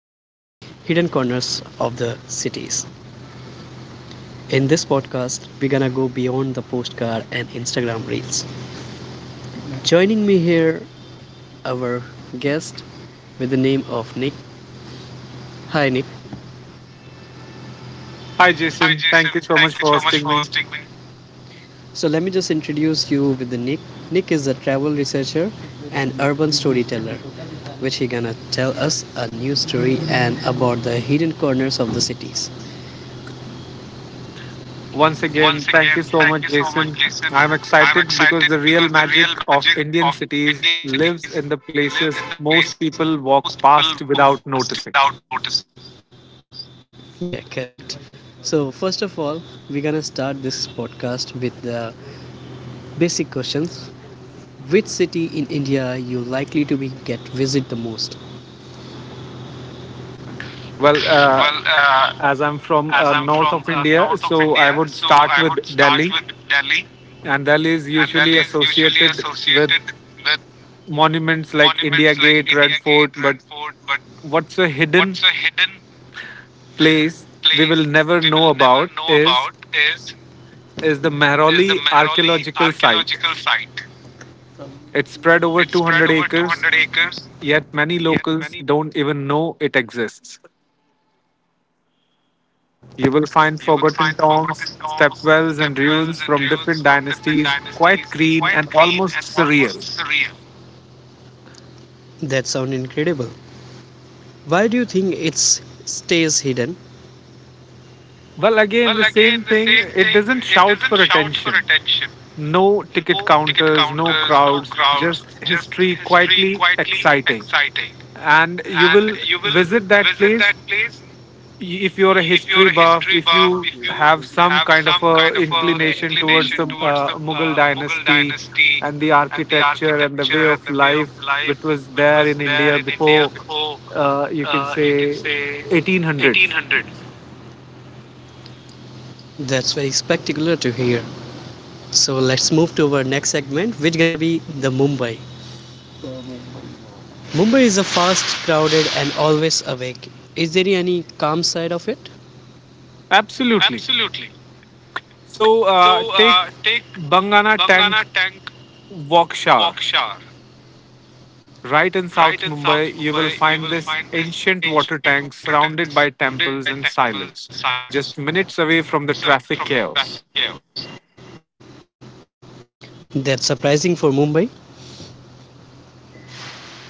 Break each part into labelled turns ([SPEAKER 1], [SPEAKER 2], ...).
[SPEAKER 1] hidden corners of the cities. In this podcast, we're gonna go beyond the postcard and Instagram reels. Joining me here, our guest with the name of Nick. Hi, Nick.
[SPEAKER 2] Hi, Jason.
[SPEAKER 1] Hi,
[SPEAKER 2] Thank you
[SPEAKER 1] Jason.
[SPEAKER 2] so much for hosting me.
[SPEAKER 1] So let me just introduce you with the Nick. Nick is a travel researcher and urban storyteller, which he gonna tell us a new story and about the hidden corners of the cities.
[SPEAKER 2] Once again, thank you
[SPEAKER 1] Again,
[SPEAKER 2] so much, Jason. I'm
[SPEAKER 1] I'm
[SPEAKER 2] excited because the
[SPEAKER 1] excited
[SPEAKER 2] real
[SPEAKER 1] because the
[SPEAKER 2] magic
[SPEAKER 1] real
[SPEAKER 2] of
[SPEAKER 1] magic
[SPEAKER 2] Indian
[SPEAKER 1] of
[SPEAKER 2] cities
[SPEAKER 1] Indian
[SPEAKER 2] lives
[SPEAKER 1] cities
[SPEAKER 2] in the
[SPEAKER 1] lives
[SPEAKER 2] places
[SPEAKER 1] in the
[SPEAKER 2] most
[SPEAKER 1] places
[SPEAKER 2] people walk
[SPEAKER 1] most people
[SPEAKER 2] past
[SPEAKER 1] walk
[SPEAKER 2] without
[SPEAKER 1] past
[SPEAKER 2] noticing.
[SPEAKER 1] without noticing. Yeah, correct. So, first of all, we're gonna start this podcast with the basic questions. Which city in India you likely to be get visit the most?
[SPEAKER 2] Well, uh,
[SPEAKER 1] Well,
[SPEAKER 2] as I'm from
[SPEAKER 1] as I'm
[SPEAKER 2] north
[SPEAKER 1] from
[SPEAKER 2] of India,
[SPEAKER 1] north of
[SPEAKER 2] so I
[SPEAKER 1] India,
[SPEAKER 2] would
[SPEAKER 1] so
[SPEAKER 2] start
[SPEAKER 1] I
[SPEAKER 2] with
[SPEAKER 1] would start
[SPEAKER 2] Delhi,
[SPEAKER 1] with Delhi.
[SPEAKER 2] and Delhi is
[SPEAKER 1] And
[SPEAKER 2] usually
[SPEAKER 1] Delhi is usually
[SPEAKER 2] associated with
[SPEAKER 1] associated with
[SPEAKER 2] monuments like India
[SPEAKER 1] it's like
[SPEAKER 2] Gate,
[SPEAKER 1] India
[SPEAKER 2] Red Fort.
[SPEAKER 1] Gate.
[SPEAKER 2] But what's a hidden
[SPEAKER 1] It's a hidden
[SPEAKER 2] place we will
[SPEAKER 1] place
[SPEAKER 2] never know about is
[SPEAKER 1] about is
[SPEAKER 2] is the
[SPEAKER 1] is the
[SPEAKER 2] Mehrauli
[SPEAKER 1] Mehrauli
[SPEAKER 2] archaeological site.
[SPEAKER 1] archaeological site.
[SPEAKER 2] It spread over
[SPEAKER 1] It's spread
[SPEAKER 2] 200
[SPEAKER 1] over
[SPEAKER 2] acres,
[SPEAKER 1] 200 acres.
[SPEAKER 2] yet many
[SPEAKER 1] Yet
[SPEAKER 2] locals
[SPEAKER 1] many
[SPEAKER 2] don't even know it exists. You will find
[SPEAKER 1] you will
[SPEAKER 2] forgotten
[SPEAKER 1] find forgotten
[SPEAKER 2] tombs,
[SPEAKER 1] tombs,
[SPEAKER 2] stepwells, and
[SPEAKER 1] stepwells,
[SPEAKER 2] ruins
[SPEAKER 1] and
[SPEAKER 2] from
[SPEAKER 1] ruins
[SPEAKER 2] different
[SPEAKER 1] from different
[SPEAKER 2] dynasties, quite
[SPEAKER 1] dynasties.
[SPEAKER 2] green
[SPEAKER 1] Quite
[SPEAKER 2] and
[SPEAKER 1] green
[SPEAKER 2] almost
[SPEAKER 1] and almost
[SPEAKER 2] surreal.
[SPEAKER 1] surreal. That sounds incredible. Why do you think it stays hidden?
[SPEAKER 2] Well,
[SPEAKER 1] Well,
[SPEAKER 2] again, the
[SPEAKER 1] like
[SPEAKER 2] same
[SPEAKER 1] the
[SPEAKER 2] thing,
[SPEAKER 1] same
[SPEAKER 2] it
[SPEAKER 1] thing
[SPEAKER 2] doesn't shout
[SPEAKER 1] isn't
[SPEAKER 2] for
[SPEAKER 1] shout
[SPEAKER 2] attention.
[SPEAKER 1] attention.
[SPEAKER 2] No ticket
[SPEAKER 1] Ticket
[SPEAKER 2] counters, no
[SPEAKER 1] counters, no
[SPEAKER 2] crowds,
[SPEAKER 1] crowds,
[SPEAKER 2] just
[SPEAKER 1] just
[SPEAKER 2] history
[SPEAKER 1] history
[SPEAKER 2] quietly
[SPEAKER 1] quietly
[SPEAKER 2] exciting.
[SPEAKER 1] exciting.
[SPEAKER 2] And you
[SPEAKER 1] And
[SPEAKER 2] will
[SPEAKER 1] you will
[SPEAKER 2] visit that
[SPEAKER 1] visit
[SPEAKER 2] place
[SPEAKER 1] that
[SPEAKER 2] if you're a
[SPEAKER 1] if you're
[SPEAKER 2] history
[SPEAKER 1] a
[SPEAKER 2] buff,
[SPEAKER 1] history
[SPEAKER 2] if
[SPEAKER 1] buff,
[SPEAKER 2] you have some
[SPEAKER 1] have
[SPEAKER 2] kind of
[SPEAKER 1] some
[SPEAKER 2] a
[SPEAKER 1] kind of
[SPEAKER 2] inclination towards the
[SPEAKER 1] inclination to
[SPEAKER 2] Mughal
[SPEAKER 1] the
[SPEAKER 2] dynasty
[SPEAKER 1] dynasty
[SPEAKER 2] and the
[SPEAKER 1] and the
[SPEAKER 2] architecture and the
[SPEAKER 1] architecture
[SPEAKER 2] way
[SPEAKER 1] and
[SPEAKER 2] of
[SPEAKER 1] the
[SPEAKER 2] life which was there in India
[SPEAKER 1] India
[SPEAKER 2] before, you can say 1800s.
[SPEAKER 1] 1800. That's very spectacular to hear. So let's move to our next segment, which gonna be the Mumbai. Mumbai is a fast, crowded, and always awake. Is there any calm side of it?
[SPEAKER 2] Absolutely.
[SPEAKER 1] Absolutely.
[SPEAKER 2] So
[SPEAKER 1] So,
[SPEAKER 2] take Bangana Tank Wakshar.
[SPEAKER 1] Waukesha,
[SPEAKER 2] Right in South
[SPEAKER 1] right in
[SPEAKER 2] Mumbai, you will
[SPEAKER 1] Mumbai, you
[SPEAKER 2] find this
[SPEAKER 1] find this
[SPEAKER 2] ancient water
[SPEAKER 1] ancient
[SPEAKER 2] tank
[SPEAKER 1] water tank
[SPEAKER 2] surrounded by
[SPEAKER 1] surrounded
[SPEAKER 2] temples
[SPEAKER 1] by
[SPEAKER 2] and
[SPEAKER 1] temples
[SPEAKER 2] silence,
[SPEAKER 1] and silence,
[SPEAKER 2] just minutes
[SPEAKER 1] just
[SPEAKER 2] away from the
[SPEAKER 1] minutes away
[SPEAKER 2] traffic
[SPEAKER 1] from the
[SPEAKER 2] chaos.
[SPEAKER 1] traffic chaos. That's surprising for Mumbai.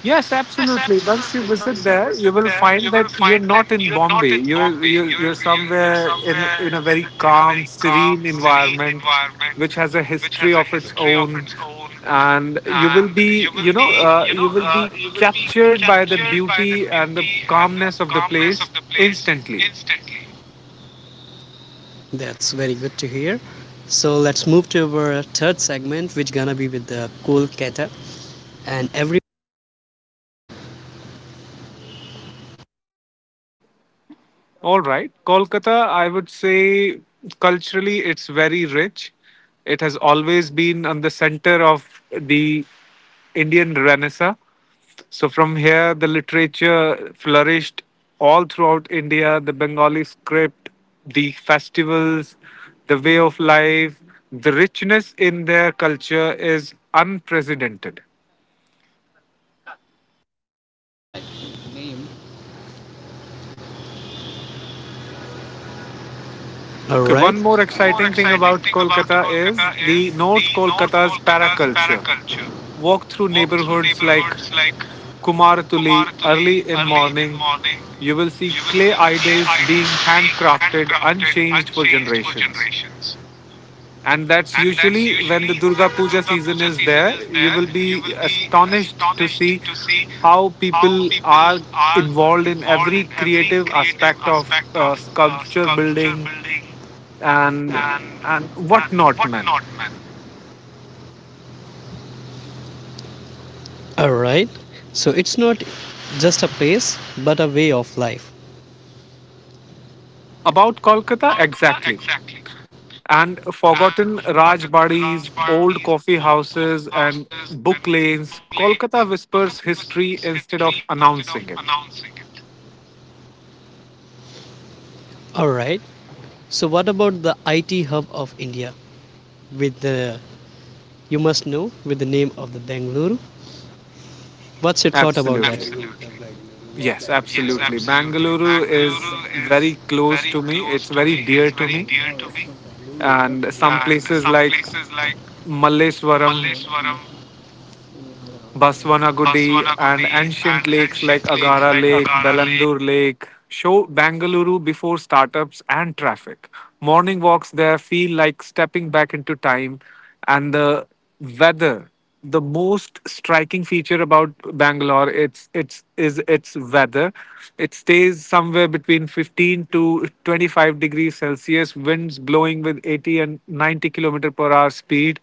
[SPEAKER 2] Yes,
[SPEAKER 1] And
[SPEAKER 2] absolutely. Once you visit there, you will
[SPEAKER 1] there
[SPEAKER 2] find
[SPEAKER 1] you will
[SPEAKER 2] that you're
[SPEAKER 1] find
[SPEAKER 2] not in Bombay. You're
[SPEAKER 1] Mumbai.
[SPEAKER 2] you're
[SPEAKER 1] You,
[SPEAKER 2] you're somewhere
[SPEAKER 1] uh,
[SPEAKER 2] in a
[SPEAKER 1] in,
[SPEAKER 2] very
[SPEAKER 1] in a
[SPEAKER 2] calm,
[SPEAKER 1] very calm,
[SPEAKER 2] serene
[SPEAKER 1] serene
[SPEAKER 2] environment,
[SPEAKER 1] environment,
[SPEAKER 2] which has a history
[SPEAKER 1] the
[SPEAKER 2] of its
[SPEAKER 1] history of
[SPEAKER 2] own,
[SPEAKER 1] it,
[SPEAKER 2] and you
[SPEAKER 1] and
[SPEAKER 2] will be
[SPEAKER 1] the,
[SPEAKER 2] you will be
[SPEAKER 1] you will be
[SPEAKER 2] captured by the
[SPEAKER 1] captured by the
[SPEAKER 2] beauty and the calmness of the
[SPEAKER 1] calmness of
[SPEAKER 2] place
[SPEAKER 1] the place
[SPEAKER 2] instantly.
[SPEAKER 1] instantly. That's very good to hear. So let's move to our third segment, which gonna be with the Kolkata and every.
[SPEAKER 2] All right, Kolkata. I would say culturally, it's very rich. It has always been on the center of the Indian Renaissance. So from here, the literature flourished all throughout India. The Bengali script, the festivals, the way of life, the richness in their culture is unprecedented.
[SPEAKER 1] All
[SPEAKER 2] Okay,
[SPEAKER 1] right.
[SPEAKER 2] one more
[SPEAKER 1] The more
[SPEAKER 2] exciting thing
[SPEAKER 1] exciting
[SPEAKER 2] about
[SPEAKER 1] thing about
[SPEAKER 2] Kolkata is
[SPEAKER 1] Kolkata is
[SPEAKER 2] the North
[SPEAKER 1] the North
[SPEAKER 2] Kolkata's
[SPEAKER 1] Kolkata's
[SPEAKER 2] paraculture.
[SPEAKER 1] paraculture.
[SPEAKER 2] Walk through
[SPEAKER 1] Walk through
[SPEAKER 2] neighborhoods like
[SPEAKER 1] neighborhoods like
[SPEAKER 2] Kumaratuli
[SPEAKER 1] Kumartuli
[SPEAKER 2] early in
[SPEAKER 1] early in
[SPEAKER 2] morning,
[SPEAKER 1] morning.
[SPEAKER 2] you will see
[SPEAKER 1] You will
[SPEAKER 2] clay
[SPEAKER 1] see clay
[SPEAKER 2] idols being
[SPEAKER 1] idols being
[SPEAKER 2] handcrafted
[SPEAKER 1] handcrafted,
[SPEAKER 2] unchanged for
[SPEAKER 1] unchanged for
[SPEAKER 2] generations.
[SPEAKER 1] generations,
[SPEAKER 2] And that's
[SPEAKER 1] and that's
[SPEAKER 2] usually when the Durga Puja season is there. You will be
[SPEAKER 1] will be
[SPEAKER 2] astonished to see
[SPEAKER 1] to see.
[SPEAKER 2] how people are involved in every creative aspect of sculpture building and
[SPEAKER 1] uh,
[SPEAKER 2] and
[SPEAKER 1] uh,
[SPEAKER 2] whatnot, man.
[SPEAKER 1] All right. So it's not just a place, but a way of life.
[SPEAKER 2] About Kolkata,
[SPEAKER 1] Kolkata,
[SPEAKER 2] exactly.
[SPEAKER 1] exactly.
[SPEAKER 2] And
[SPEAKER 1] And
[SPEAKER 2] forgotten
[SPEAKER 1] forgotten
[SPEAKER 2] Rajbadis, old
[SPEAKER 1] Rajbadis,
[SPEAKER 2] coffee
[SPEAKER 1] old coffee
[SPEAKER 2] houses, and
[SPEAKER 1] houses, and
[SPEAKER 2] book lanes.
[SPEAKER 1] book
[SPEAKER 2] Kolkata
[SPEAKER 1] lanes.
[SPEAKER 2] whispers
[SPEAKER 1] Kolkata
[SPEAKER 2] history
[SPEAKER 1] whispers
[SPEAKER 2] instead of
[SPEAKER 1] history instead of
[SPEAKER 2] announcing it.
[SPEAKER 1] announcing it. All right. So what about the IT hub of India with the you must know with the name of the Bangalore? What's your thought about that?
[SPEAKER 2] Absolutely. Yes,
[SPEAKER 1] Yes,
[SPEAKER 2] absolutely.
[SPEAKER 1] Abs
[SPEAKER 2] Bangalore is
[SPEAKER 1] is
[SPEAKER 2] very close
[SPEAKER 1] very,
[SPEAKER 2] to me. It's very dear to
[SPEAKER 1] very
[SPEAKER 2] me.
[SPEAKER 1] dear to me.
[SPEAKER 2] And some
[SPEAKER 1] And
[SPEAKER 2] places like
[SPEAKER 1] like
[SPEAKER 2] Malleswaram,
[SPEAKER 1] Varam
[SPEAKER 2] Baswanagudi, and
[SPEAKER 1] Baswanakudi,
[SPEAKER 2] ancient
[SPEAKER 1] and
[SPEAKER 2] lakes like
[SPEAKER 1] ancient lakes
[SPEAKER 2] Agara
[SPEAKER 1] like
[SPEAKER 2] Lake,
[SPEAKER 1] Agara Lake.
[SPEAKER 2] Belandur Lake show Bangalore before startups and traffic. Morning walks there feel like stepping back into time, and the weather. The most striking feature about Bangalore it's is its weather. It stays somewhere between 15 to 25 degrees Celsius, winds blowing with 80 and 90 kilometer per hour speed,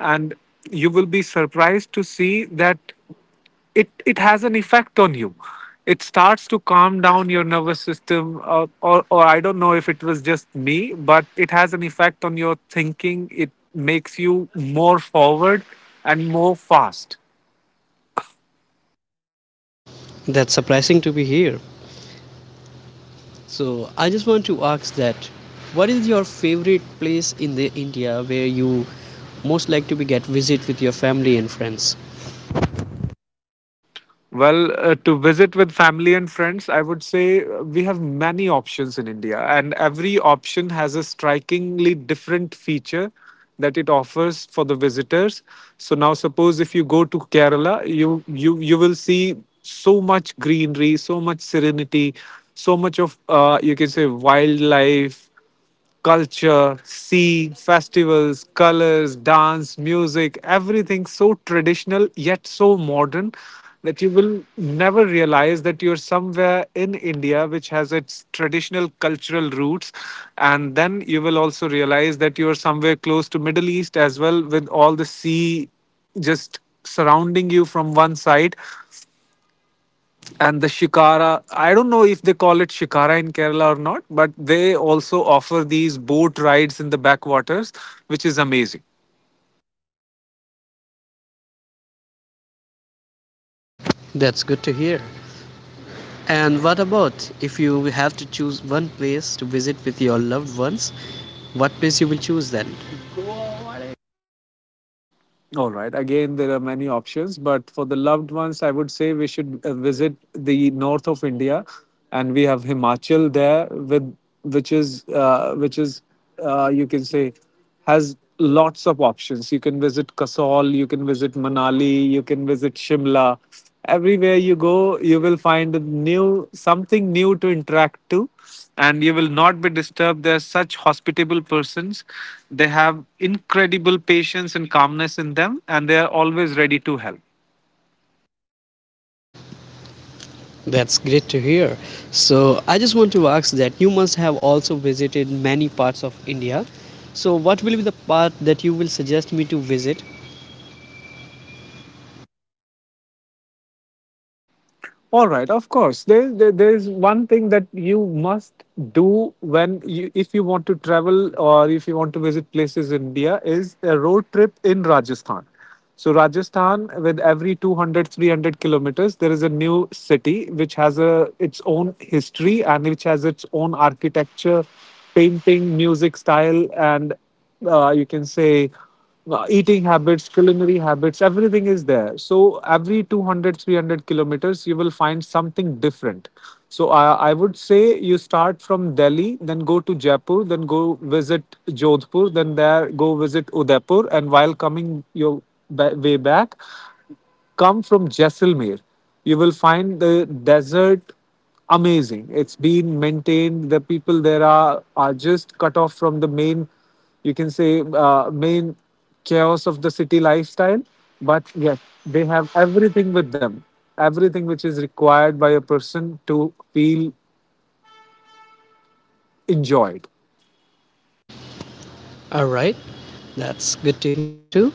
[SPEAKER 2] and you will be surprised to see that it has an effect on you. It starts to calm down your nervous system, or I don't know if it was just me, but it has an effect on your thinking. It makes you more forward and more fast.
[SPEAKER 1] That's surprising to be here. So I just want to ask that what is your favorite place in the India where you most like to be get visit with your family and friends?
[SPEAKER 2] To visit with family and friends, I would say we have many options in India, and every option has a strikingly different feature that it offers for the visitors. So now, suppose if you go to Kerala, you will see so much greenery, so much serenity, so much of you can say wildlife, culture, sea, festivals, colors, dance, music, everything so traditional yet so modern that you will never realize that you're somewhere in India which has its traditional cultural roots, and then you will also realize that you're somewhere close to Middle East as well, with all the sea just surrounding you from one side. And the shikara, I don't know if they call it shikara in Kerala or not, but they also offer these boat rides in the backwaters, which is amazing.
[SPEAKER 1] That's good to hear. And what about if you have to choose one place to visit with your loved ones? What place you will choose then?
[SPEAKER 2] All right, again, there are many options, but for the loved ones I would say we should visit the north of India, and we have Himachal there with which is you can say has lots of options. You can visit Kasol, you can visit Manali, you can visit Shimla. Everywhere you go you will find a new something new to interact to, and you will not be disturbed. They're such hospitable persons. They have incredible patience and calmness in them, and they are always ready to help.
[SPEAKER 1] That's great to hear. So, I just want to ask that you must have also visited many parts of India. So, what will be the part that you will suggest me to visit?
[SPEAKER 2] All right, of course. There's one thing that you must do when you, if you want to travel or if you want to visit places in India, is a road trip in Rajasthan. So Rajasthan, with every 200, 300 kilometers, there is a new city which has a its own history and which has its own architecture, painting, music style, and you can say eating habits, culinary habits, everything is there. So every 200, 300 kilometers, you will find something different. So I would say you start from Delhi, then go to Jaipur, then go visit Jodhpur, then there go visit Udaipur, and while coming your way back, come from Jaisalmer, you will find the desert amazing. It's been maintained. The people there are just cut off from the main, you can say, main chaos of the city lifestyle. But yes, they have everything with them, everything which is required by a person to feel enjoyed.
[SPEAKER 1] All right, that's good to hear too.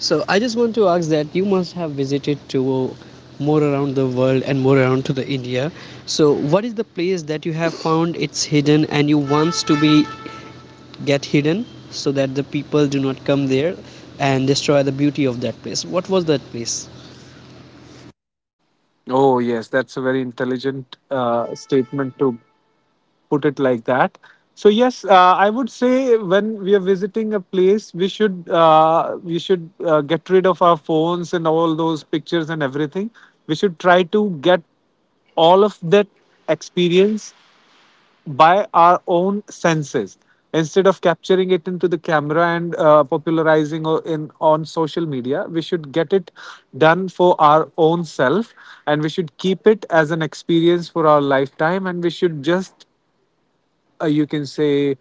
[SPEAKER 1] So, I just want to ask that you must have visited to more around the world and more around to the India. So, what is the place that you have found it's hidden and you wants to be get hidden so that the people do not come there and destroy the beauty of that place? What was that place?
[SPEAKER 2] Oh yes, that's a very intelligent statement to put it like that. So yes, I would say when we are visiting a place, we should get rid of our phones and all those pictures and everything. We should try to get all of that experience by our own senses instead of capturing it into the camera and popularizing in on social media. We should get it done for our own self, and we should keep it as an experience for our lifetime, and we should just you can say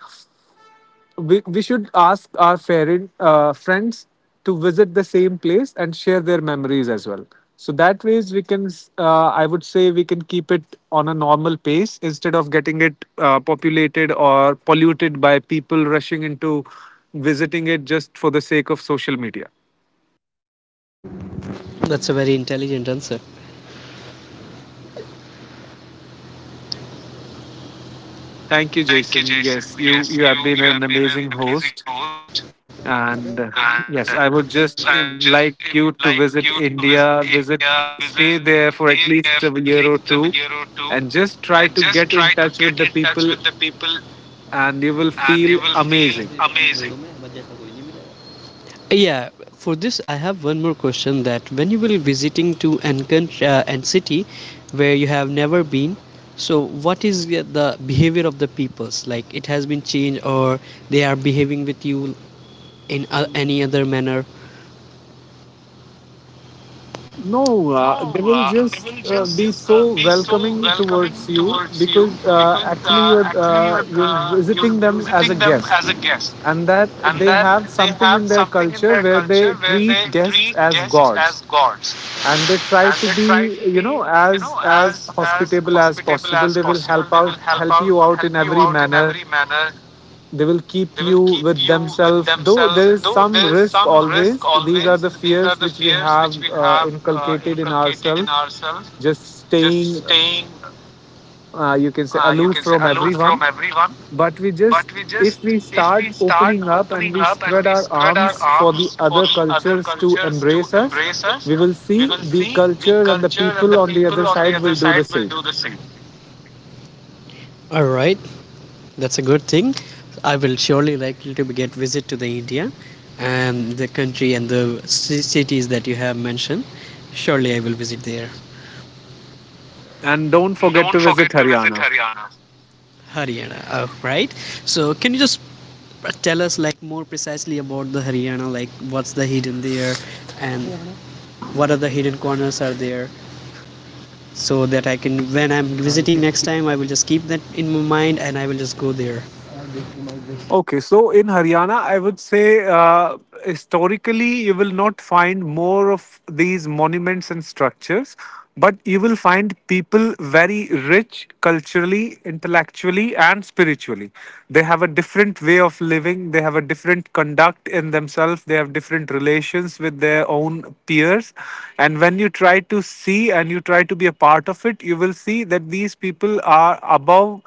[SPEAKER 2] we should ask our parent, friends to visit the same place and share their memories as well, so that ways we can I would say we can keep it on a normal pace instead of getting it populated or polluted by people rushing into visiting it just for the sake of social media.
[SPEAKER 1] That's a very intelligent answer.
[SPEAKER 2] Thank you,
[SPEAKER 1] Thank you,
[SPEAKER 2] Jason.
[SPEAKER 1] Jason.
[SPEAKER 2] Yes, you
[SPEAKER 1] Yes,
[SPEAKER 2] you
[SPEAKER 1] you
[SPEAKER 2] have been
[SPEAKER 1] you
[SPEAKER 2] an
[SPEAKER 1] have been an
[SPEAKER 2] amazing
[SPEAKER 1] amazing
[SPEAKER 2] host.
[SPEAKER 1] host,
[SPEAKER 2] And
[SPEAKER 1] and
[SPEAKER 2] Yes, I would just
[SPEAKER 1] yes, I would just
[SPEAKER 2] like you to
[SPEAKER 1] like
[SPEAKER 2] visit
[SPEAKER 1] you to
[SPEAKER 2] India,
[SPEAKER 1] visit
[SPEAKER 2] visit,
[SPEAKER 1] India, visit,
[SPEAKER 2] stay there for at
[SPEAKER 1] stay there
[SPEAKER 2] least a
[SPEAKER 1] for at
[SPEAKER 2] year
[SPEAKER 1] least
[SPEAKER 2] or two,
[SPEAKER 1] a year or two,
[SPEAKER 2] and just try
[SPEAKER 1] and
[SPEAKER 2] to
[SPEAKER 1] just
[SPEAKER 2] get
[SPEAKER 1] try
[SPEAKER 2] in
[SPEAKER 1] to
[SPEAKER 2] touch
[SPEAKER 1] get
[SPEAKER 2] with the
[SPEAKER 1] in touch
[SPEAKER 2] people,
[SPEAKER 1] with the people,
[SPEAKER 2] and you will
[SPEAKER 1] and
[SPEAKER 2] feel
[SPEAKER 1] you will feel
[SPEAKER 2] amazing.
[SPEAKER 1] amazing. Yeah, for this I have one more question that when you will visiting to an country and city where you have never been, so what is the behavior of the peoples? Like it has been changed or they are behaving with you in any other manner?
[SPEAKER 2] No, they will
[SPEAKER 1] Uh,
[SPEAKER 2] just be so welcoming towards you, because actually
[SPEAKER 1] uh,
[SPEAKER 2] you're
[SPEAKER 1] you're
[SPEAKER 2] visiting them as a
[SPEAKER 1] meeting them
[SPEAKER 2] guest,
[SPEAKER 1] as guests.
[SPEAKER 2] and that
[SPEAKER 1] And
[SPEAKER 2] they
[SPEAKER 1] that
[SPEAKER 2] have
[SPEAKER 1] they
[SPEAKER 2] something
[SPEAKER 1] have
[SPEAKER 2] in their culture where they
[SPEAKER 1] here where they
[SPEAKER 2] treat guests
[SPEAKER 1] treat
[SPEAKER 2] as
[SPEAKER 1] guests
[SPEAKER 2] gods.
[SPEAKER 1] as gods.
[SPEAKER 2] And they try
[SPEAKER 1] And
[SPEAKER 2] to
[SPEAKER 1] they
[SPEAKER 2] be,
[SPEAKER 1] try to
[SPEAKER 2] you know,
[SPEAKER 1] be
[SPEAKER 2] as
[SPEAKER 1] as
[SPEAKER 2] hospitable as
[SPEAKER 1] people
[SPEAKER 2] possible.
[SPEAKER 1] as
[SPEAKER 2] They will
[SPEAKER 1] help
[SPEAKER 2] help
[SPEAKER 1] out,
[SPEAKER 2] you out
[SPEAKER 1] help
[SPEAKER 2] in
[SPEAKER 1] you
[SPEAKER 2] every
[SPEAKER 1] out in
[SPEAKER 2] manner.
[SPEAKER 1] manner,
[SPEAKER 2] They will keep you with themselves, though
[SPEAKER 1] self
[SPEAKER 2] there is some
[SPEAKER 1] there's
[SPEAKER 2] risk
[SPEAKER 1] always
[SPEAKER 2] always. These are the fears which we
[SPEAKER 1] fears
[SPEAKER 2] have
[SPEAKER 1] we have
[SPEAKER 2] inculcated in
[SPEAKER 1] in
[SPEAKER 2] ourselves,
[SPEAKER 1] ourselves.
[SPEAKER 2] just
[SPEAKER 1] Just
[SPEAKER 2] staying
[SPEAKER 1] staying,
[SPEAKER 2] you can say
[SPEAKER 1] you
[SPEAKER 2] aloof from everyone.
[SPEAKER 1] know,
[SPEAKER 2] But we just, if we start
[SPEAKER 1] start
[SPEAKER 2] opening up
[SPEAKER 1] up
[SPEAKER 2] and we spread
[SPEAKER 1] and
[SPEAKER 2] our
[SPEAKER 1] spread our
[SPEAKER 2] arms for the
[SPEAKER 1] arms for
[SPEAKER 2] other
[SPEAKER 1] the other
[SPEAKER 2] cultures to embrace us, we will see the culture and the people on the other side will
[SPEAKER 1] other
[SPEAKER 2] do the
[SPEAKER 1] side.
[SPEAKER 2] same.
[SPEAKER 1] All right, that's a good thing. I will surely likely to get visit to the India and the country and the cities that you have mentioned. Surely I will visit there.
[SPEAKER 2] And don't forget to visit
[SPEAKER 1] Visit
[SPEAKER 2] Haryana.
[SPEAKER 1] Haryana. Haryana. All right. So can you just but tell us like more precisely about the Haryana. Like what's the hidden there, and what are the hidden corners are there, so that I can when I'm visiting next time I will just keep that in my mind and I will just go there.
[SPEAKER 2] Okay, so in Haryana, I would say historically, you will not find more of these monuments and structures, but you will find people very rich culturally, intellectually, and spiritually. They have a different way of living, they have a different conduct in themselves, they have different relations with their own peers. And when you try to see and you try to be a part of it, you will see that these people are above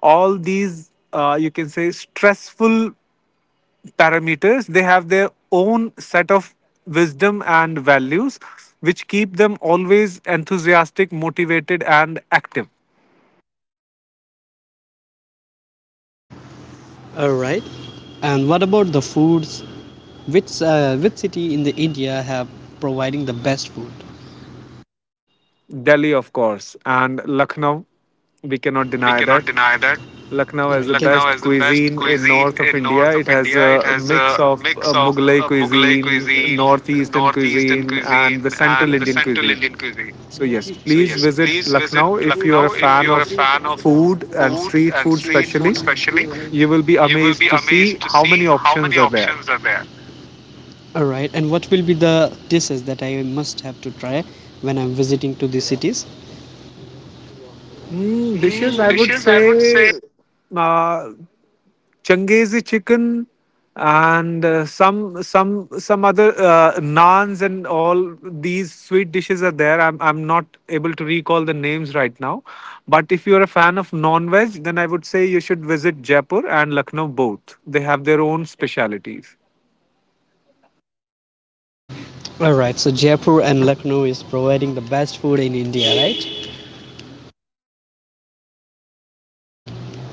[SPEAKER 2] all these you can say stressful parameters. They have their own set of wisdom and values, which keep them always enthusiastic, motivated, and active.
[SPEAKER 1] All right. And what about the foods? Which city in the India have providing the best food?
[SPEAKER 2] Delhi, of course, and Lucknow. We cannot deny that
[SPEAKER 1] Deny that.
[SPEAKER 2] Lucknow
[SPEAKER 1] Right. Can,
[SPEAKER 2] has the
[SPEAKER 1] Lucknow can
[SPEAKER 2] best
[SPEAKER 1] has the best
[SPEAKER 2] cuisine in
[SPEAKER 1] cuisine
[SPEAKER 2] north of
[SPEAKER 1] in
[SPEAKER 2] India. It has
[SPEAKER 1] India.
[SPEAKER 2] a
[SPEAKER 1] It has
[SPEAKER 2] mix
[SPEAKER 1] a
[SPEAKER 2] of
[SPEAKER 1] mix of
[SPEAKER 2] Mughlai
[SPEAKER 1] Mughlai
[SPEAKER 2] cuisine,
[SPEAKER 1] cuisine,
[SPEAKER 2] northeastern
[SPEAKER 1] northeastern
[SPEAKER 2] cuisine,
[SPEAKER 1] cuisine,
[SPEAKER 2] and the central
[SPEAKER 1] and the
[SPEAKER 2] Indian
[SPEAKER 1] central
[SPEAKER 2] cuisine.
[SPEAKER 1] Indian cuisine.
[SPEAKER 2] So, yes,
[SPEAKER 1] So
[SPEAKER 2] please
[SPEAKER 1] yes,
[SPEAKER 2] visit
[SPEAKER 1] please,
[SPEAKER 2] Lucknow if you are
[SPEAKER 1] Lucknow.
[SPEAKER 2] a
[SPEAKER 1] If
[SPEAKER 2] fan
[SPEAKER 1] you are a
[SPEAKER 2] of
[SPEAKER 1] fan of
[SPEAKER 2] food and
[SPEAKER 1] food,
[SPEAKER 2] street food, especially.
[SPEAKER 1] especially,
[SPEAKER 2] You will be
[SPEAKER 1] you will
[SPEAKER 2] amazed
[SPEAKER 1] be
[SPEAKER 2] to see
[SPEAKER 1] amazed to
[SPEAKER 2] how
[SPEAKER 1] see
[SPEAKER 2] many
[SPEAKER 1] how many
[SPEAKER 2] options are there.
[SPEAKER 1] options are there. All right, and what will be the dishes that I must have to try when I'm visiting to these cities?
[SPEAKER 2] Mm, dishes,
[SPEAKER 1] Mm,
[SPEAKER 2] I would
[SPEAKER 1] dishes.
[SPEAKER 2] say uh, Changezi chicken and some other naans and all these sweet dishes are there. I'm not able to recall the names right now. But if you're a fan of non veg, then I would say you should visit Jaipur and Lucknow both. They have their own specialities.
[SPEAKER 1] All right, so Jaipur and Lucknow is providing the best food in India, right?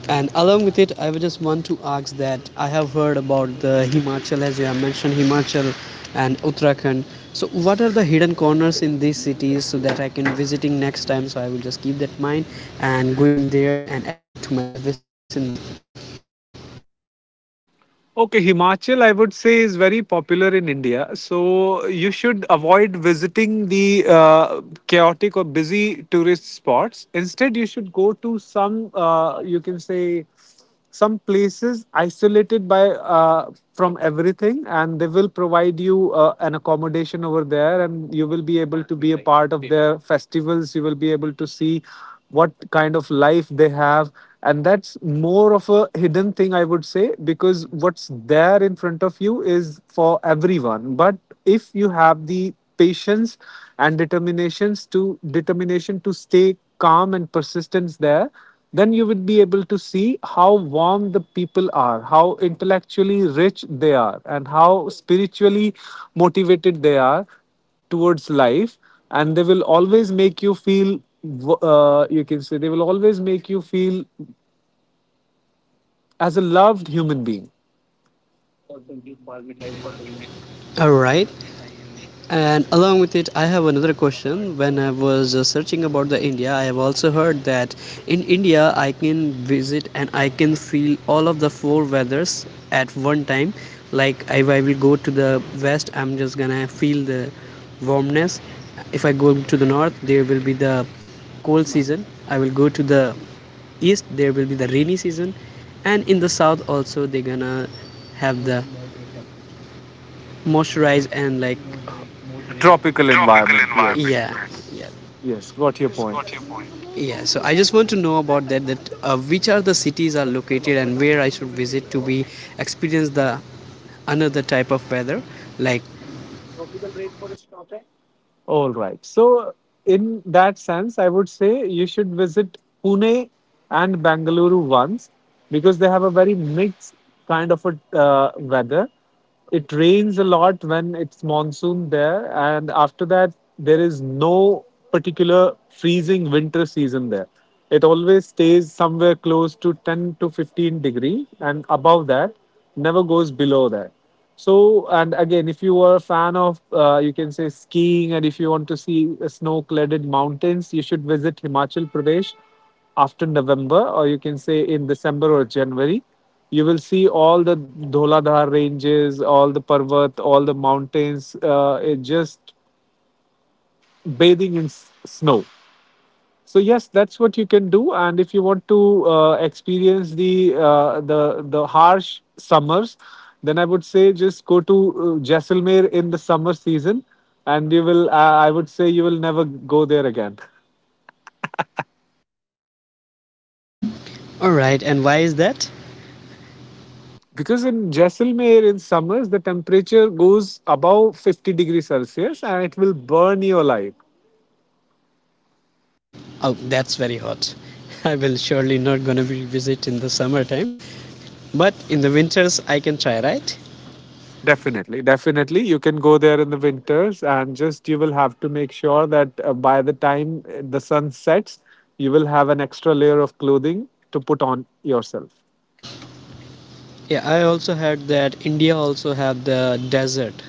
[SPEAKER 1] And along with it, I would just want to ask that I have heard about the Himachal, as you have mentioned, Himachal and Uttarakhand. So, what are the hidden corners in these cities so that I can visiting next time? So I will just keep that in mind and going there and add it to my li- wish list in this.
[SPEAKER 2] Okay, Himachal, I would say, is very popular in India. So you should avoid visiting the chaotic or busy tourist spots. Instead, you should go to some, some places isolated by from everything, and they will provide you an accommodation over there, and you will be able to be a part of their festivals. You will be able to see what kind of life they have, and that's more of a hidden thing, I would say, because what's there in front of you is for everyone. But if you have the patience and determination to stay calm and persistence there, then you would be able to see how warm the people are, how intellectually rich they are, and how spiritually motivated they are towards life. And they will always make you feel w- you can say they will always make you feel as a loved human being.
[SPEAKER 1] All right. And along with it, I have another question. When I was searching about the India, I have also heard that in India, I can visit and I can feel all of the four weathers at one time. Like if I will go to the west, I'm just gonna feel the warmness. If I go to the north, there will be the cold season. I will go to the east, there will be the rainy season, and in the south also they're gonna have the moisturize and like
[SPEAKER 2] Tropical
[SPEAKER 1] tropical
[SPEAKER 2] environment,
[SPEAKER 1] environment.
[SPEAKER 2] yes.
[SPEAKER 1] Yeah, yes, yeah,
[SPEAKER 2] Yes, got your
[SPEAKER 1] yes.
[SPEAKER 2] point.
[SPEAKER 1] Got yeah. So I just want to know about that. That which are the cities are located and where I should visit to be experience the another type of weather. Like,
[SPEAKER 2] All right. So, in that sense, I would say you should visit Pune and Bangalore once, because they have a very mixed kind of a weather. It rains a lot when it's monsoon there, and after that, there is no particular freezing winter season there. It always stays somewhere close to 10 to 15 degree, and above that, never goes below that. So, and again, if you are a fan of you can say skiing, and if you want to see snow cladded mountains, you should visit Himachal Pradesh after November, or you can say in December or January. You will see all the Dholadhar ranges, all the Parvat, all the mountains, it just bathing in snow. So yes, that's what you can do. And if you want to experience the harsh summers, then I would say just go to Jaisalmer in the summer season, and you will. I would say you will never go there again,
[SPEAKER 1] all right, and why is that?
[SPEAKER 2] because in Jaisalmer in summers, the temperature goes above 50 degrees Celsius, and it will burn your life.
[SPEAKER 1] Oh, that's very hot. I will surely not gonna be visit in the summertime, but in the winters I can try, right?
[SPEAKER 2] Definitely, definitely. You can go there in the winters, and just you will have to make sure that by the time the sun sets, you will have an extra layer of clothing to put on yourself.
[SPEAKER 1] Yeah, I also heard that India also have the desert,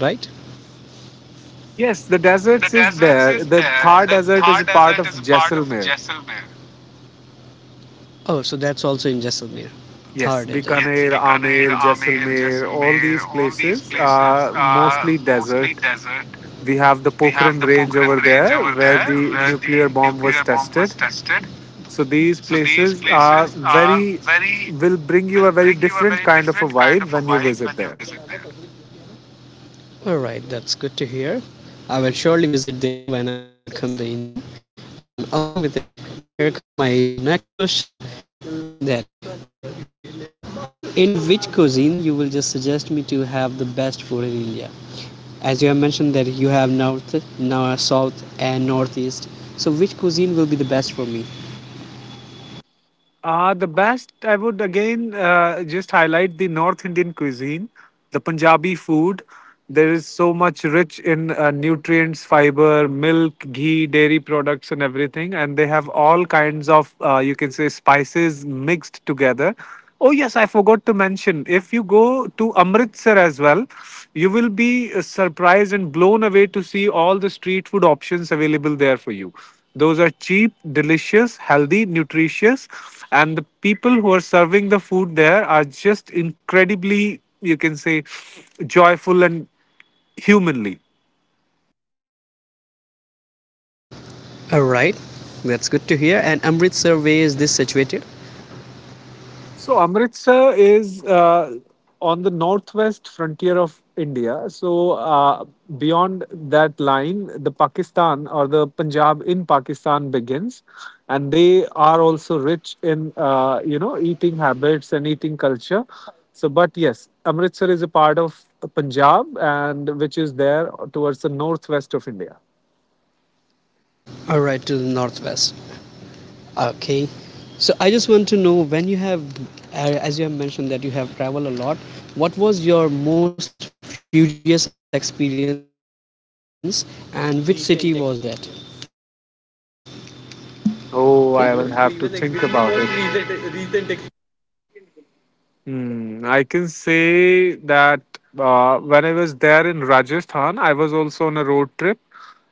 [SPEAKER 1] right?
[SPEAKER 2] Yes, the
[SPEAKER 1] The
[SPEAKER 2] deserts is
[SPEAKER 1] desert.
[SPEAKER 2] there. The
[SPEAKER 1] Yeah,
[SPEAKER 2] Thar desert is
[SPEAKER 1] Thar
[SPEAKER 2] a part of
[SPEAKER 1] part of
[SPEAKER 2] Jaisalmer.
[SPEAKER 1] Kashmir. Oh, so that's also in Jaisalmer, Thar
[SPEAKER 2] Yes,
[SPEAKER 1] desert. Yes,
[SPEAKER 2] Bikaner,
[SPEAKER 1] Bikaner,
[SPEAKER 2] Amer,
[SPEAKER 1] Amer,
[SPEAKER 2] Jaisalmer, all
[SPEAKER 1] Jaisalmer,
[SPEAKER 2] these
[SPEAKER 1] all these
[SPEAKER 2] places
[SPEAKER 1] places
[SPEAKER 2] are
[SPEAKER 1] are
[SPEAKER 2] mostly desert.
[SPEAKER 1] uh,
[SPEAKER 2] We have the Pokhran range over
[SPEAKER 1] range
[SPEAKER 2] there
[SPEAKER 1] over
[SPEAKER 2] where
[SPEAKER 1] there.
[SPEAKER 2] the nuclear bomb was tested. So these
[SPEAKER 1] So these
[SPEAKER 2] places are
[SPEAKER 1] are
[SPEAKER 2] very,
[SPEAKER 1] very
[SPEAKER 2] will bring you a very different kind of a
[SPEAKER 1] kind of.
[SPEAKER 2] vibe when you visit there.
[SPEAKER 1] All right, that's good to hear. I will surely visit there when I will come to the India. And along with it, here come my the next question that in which cuisine you will just suggest me to have the best food in India? As you have mentioned that you have north, north, south, and northeast. So which cuisine will be the best for me?
[SPEAKER 2] The best, I would again just highlight the North Indian cuisine, the Punjabi food. There is so much rich in nutrients, fiber, milk, ghee, dairy products, and everything. And they have all kinds of you can say spices mixed together. Oh, yes, I forgot to mention. If you go to Amritsar as well, you will be surprised and blown away to see all the street food options available there for you. Those are cheap, delicious, healthy, nutritious, and the people who are serving the food there are just incredibly, you can say, joyful and humanly.
[SPEAKER 1] All right, that's good to hear. And Amritsar, where is this situated?
[SPEAKER 2] So Amritsar is on the northwest frontier of India. So beyond that line, the Pakistan or the Punjab in Pakistan begins, and they are also rich in you know eating habits and eating culture. So, but yes, Amritsar is a part of Punjab, and which is there towards the northwest of India.
[SPEAKER 1] All right, to the northwest. Okay. So I just want to know when you have, as you have mentioned that you have traveled a lot. What was your most furious experience, and which city was that?
[SPEAKER 2] Oh, I will have to think about it. Hmm, I can say that when I was there in Rajasthan, I was also on a road trip.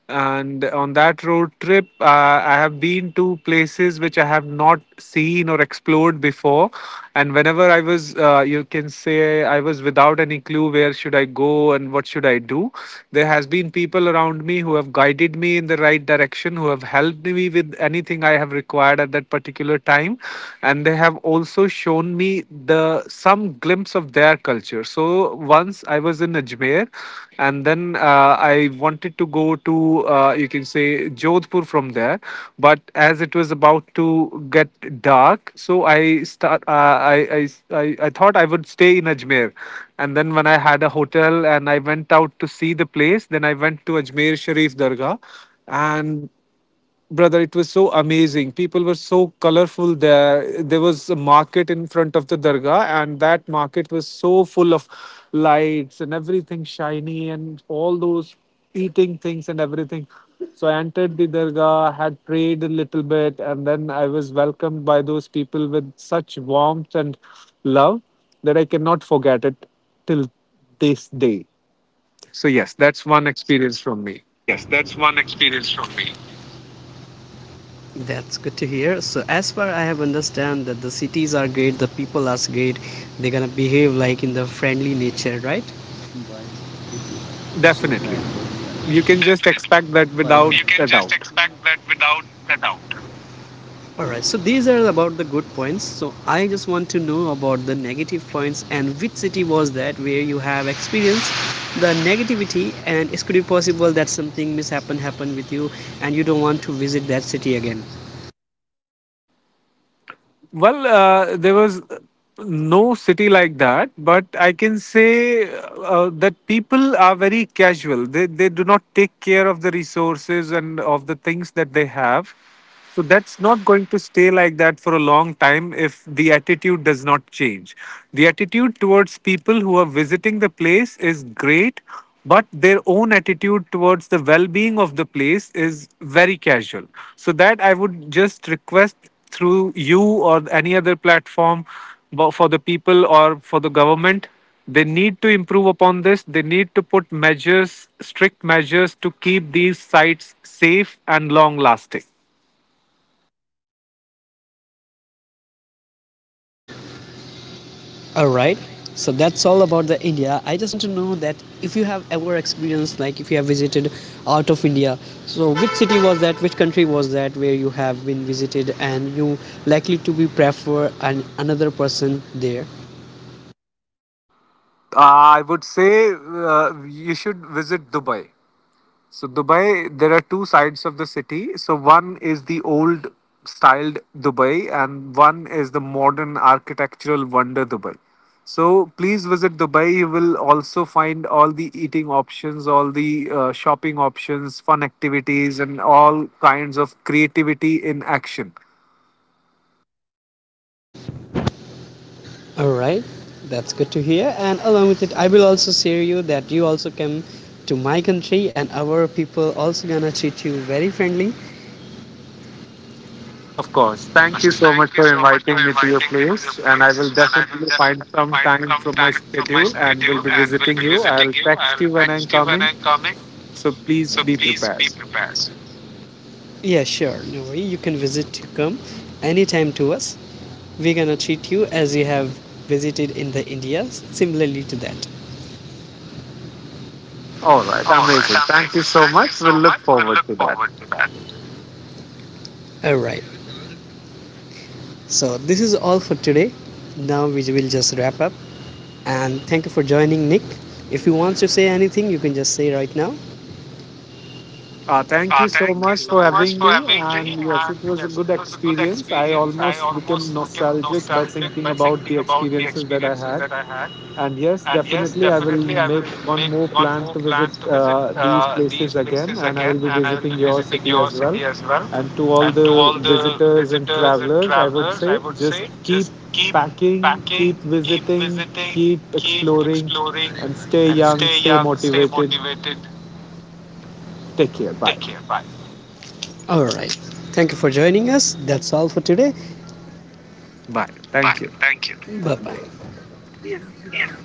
[SPEAKER 2] And on that road trip, I have been to places which I have not seen or explored before. And whenever I was, I was without any clue where should I go and what should I do. There has been people around me who have guided me in the right direction, who have helped me with anything I have required at that particular time. And they have also shown me the some glimpse of their culture. So once I was in Ajmer, and then I wanted to go to you can say Jodhpur from there. But as it was about to get dark, so I start I thought I would stay in Ajmer. And then when I had a hotel and I went out to see the place, then I went to Ajmer Sharif Dargah. And brother, it was so amazing. People were so colorful there. There was a market in front of the dargah, and that market was so full of lights and everything shiny and all those eating things and everything. So I entered the dargah, had prayed a little bit, and then I was welcomed by those people with such warmth and love that I cannot forget it till this day. So yes, that's one experience from
[SPEAKER 1] So
[SPEAKER 2] me.
[SPEAKER 1] yes, that's one experience from me. That's good to hear. So as far I have understand that the cities are great, the people are great. They're gonna behave like in the friendly nature, right?
[SPEAKER 2] Definitely, you can just
[SPEAKER 1] Definitely,
[SPEAKER 2] expect that without
[SPEAKER 1] you can
[SPEAKER 2] a
[SPEAKER 1] just
[SPEAKER 2] doubt.
[SPEAKER 1] that without a doubt. All right. So these are about the good points. So I just want to know about the negative points and which city was that where you have experienced the negativity and it could be possible that something mishap happened with you and you don't want to visit that city again.
[SPEAKER 2] Well, there was no city like that, but I can say that people are very casual. They do not take care of the resources and of the things that they have. So that's not going to stay like that for a long time if the attitude does not change. The attitude towards people who are visiting the place is great, but their own attitude towards the well being of the place is very casual. So, that I would just request through you or any other platform, for the people or for the government, they need to improve upon this. They need to put measures, strict measures, to keep these sites safe and long lasting.
[SPEAKER 1] All right. So that's all about the India. I just want to know that if you have ever experienced, like if you have visited out of India, so which city was that, which country was that where you have been visited and you likely to be prefer an, another person there.
[SPEAKER 2] I would say you should visit Dubai. So Dubai, there are two sides of the city. So one is the old styled Dubai, and one is the modern architectural wonder Dubai. So please visit Dubai. You will also find all the eating options, all the shopping options, fun activities, and all kinds of creativity in action.
[SPEAKER 1] All right. That's good to hear. And along with it, I will also share you that you also came to my country and our people also gonna treat you very friendly.
[SPEAKER 2] Of course. Thank you so much
[SPEAKER 1] Thank,
[SPEAKER 2] for inviting me to your place. And I will definitely find some time from my
[SPEAKER 1] thanks for my
[SPEAKER 2] schedule and will
[SPEAKER 1] schedule
[SPEAKER 2] be
[SPEAKER 1] and
[SPEAKER 2] visiting you. I'll
[SPEAKER 1] I'll
[SPEAKER 2] text you when I'm
[SPEAKER 1] when
[SPEAKER 2] coming.
[SPEAKER 1] I'm coming.
[SPEAKER 2] So please
[SPEAKER 1] So
[SPEAKER 2] be
[SPEAKER 1] please
[SPEAKER 2] prepared.
[SPEAKER 1] prepare. Yeah, sure. No worry. You can visit to come anytime to us. We're gonna treat you as you have visited in the India, similarly to that.
[SPEAKER 2] All right.
[SPEAKER 1] All right,
[SPEAKER 2] Amazing. Thank you
[SPEAKER 1] amazing.
[SPEAKER 2] so much.
[SPEAKER 1] Thank
[SPEAKER 2] We'll look forward to that.
[SPEAKER 1] you for that. All right. So this is all for today. Now we will just wrap up. And thank you for joining, Nick. If you want to say anything, you can just say right now.
[SPEAKER 2] Thank you so
[SPEAKER 1] Thank you
[SPEAKER 2] much for
[SPEAKER 1] much
[SPEAKER 2] having
[SPEAKER 1] for
[SPEAKER 2] me.
[SPEAKER 1] having me,
[SPEAKER 2] And yes, it
[SPEAKER 1] and
[SPEAKER 2] was a good
[SPEAKER 1] good
[SPEAKER 2] experience. I
[SPEAKER 1] experience. I
[SPEAKER 2] almost became
[SPEAKER 1] almost became
[SPEAKER 2] nostalgic by
[SPEAKER 1] nostalgic
[SPEAKER 2] thinking
[SPEAKER 1] by
[SPEAKER 2] about the
[SPEAKER 1] thinking about the
[SPEAKER 2] experiences that
[SPEAKER 1] experience
[SPEAKER 2] I had. And yes,
[SPEAKER 1] and
[SPEAKER 2] definitely, I will make one more plan
[SPEAKER 1] on
[SPEAKER 2] to visit these places again, and I will be visiting your city as well. And to all
[SPEAKER 1] and
[SPEAKER 2] the visitors and travelers, I
[SPEAKER 1] travel.
[SPEAKER 2] would say just keep
[SPEAKER 1] Keep back,
[SPEAKER 2] packing, keep
[SPEAKER 1] keep,
[SPEAKER 2] visiting, keep
[SPEAKER 1] keep,
[SPEAKER 2] exploring, and stay
[SPEAKER 1] and
[SPEAKER 2] young,
[SPEAKER 1] stay.
[SPEAKER 2] stay motivated. Take care. Bye.
[SPEAKER 1] Take care. All right. Thank you for joining us. That's all for today.
[SPEAKER 2] Bye.
[SPEAKER 1] Bye.
[SPEAKER 2] Thank you.
[SPEAKER 1] Thank you. Bye bye. Bye,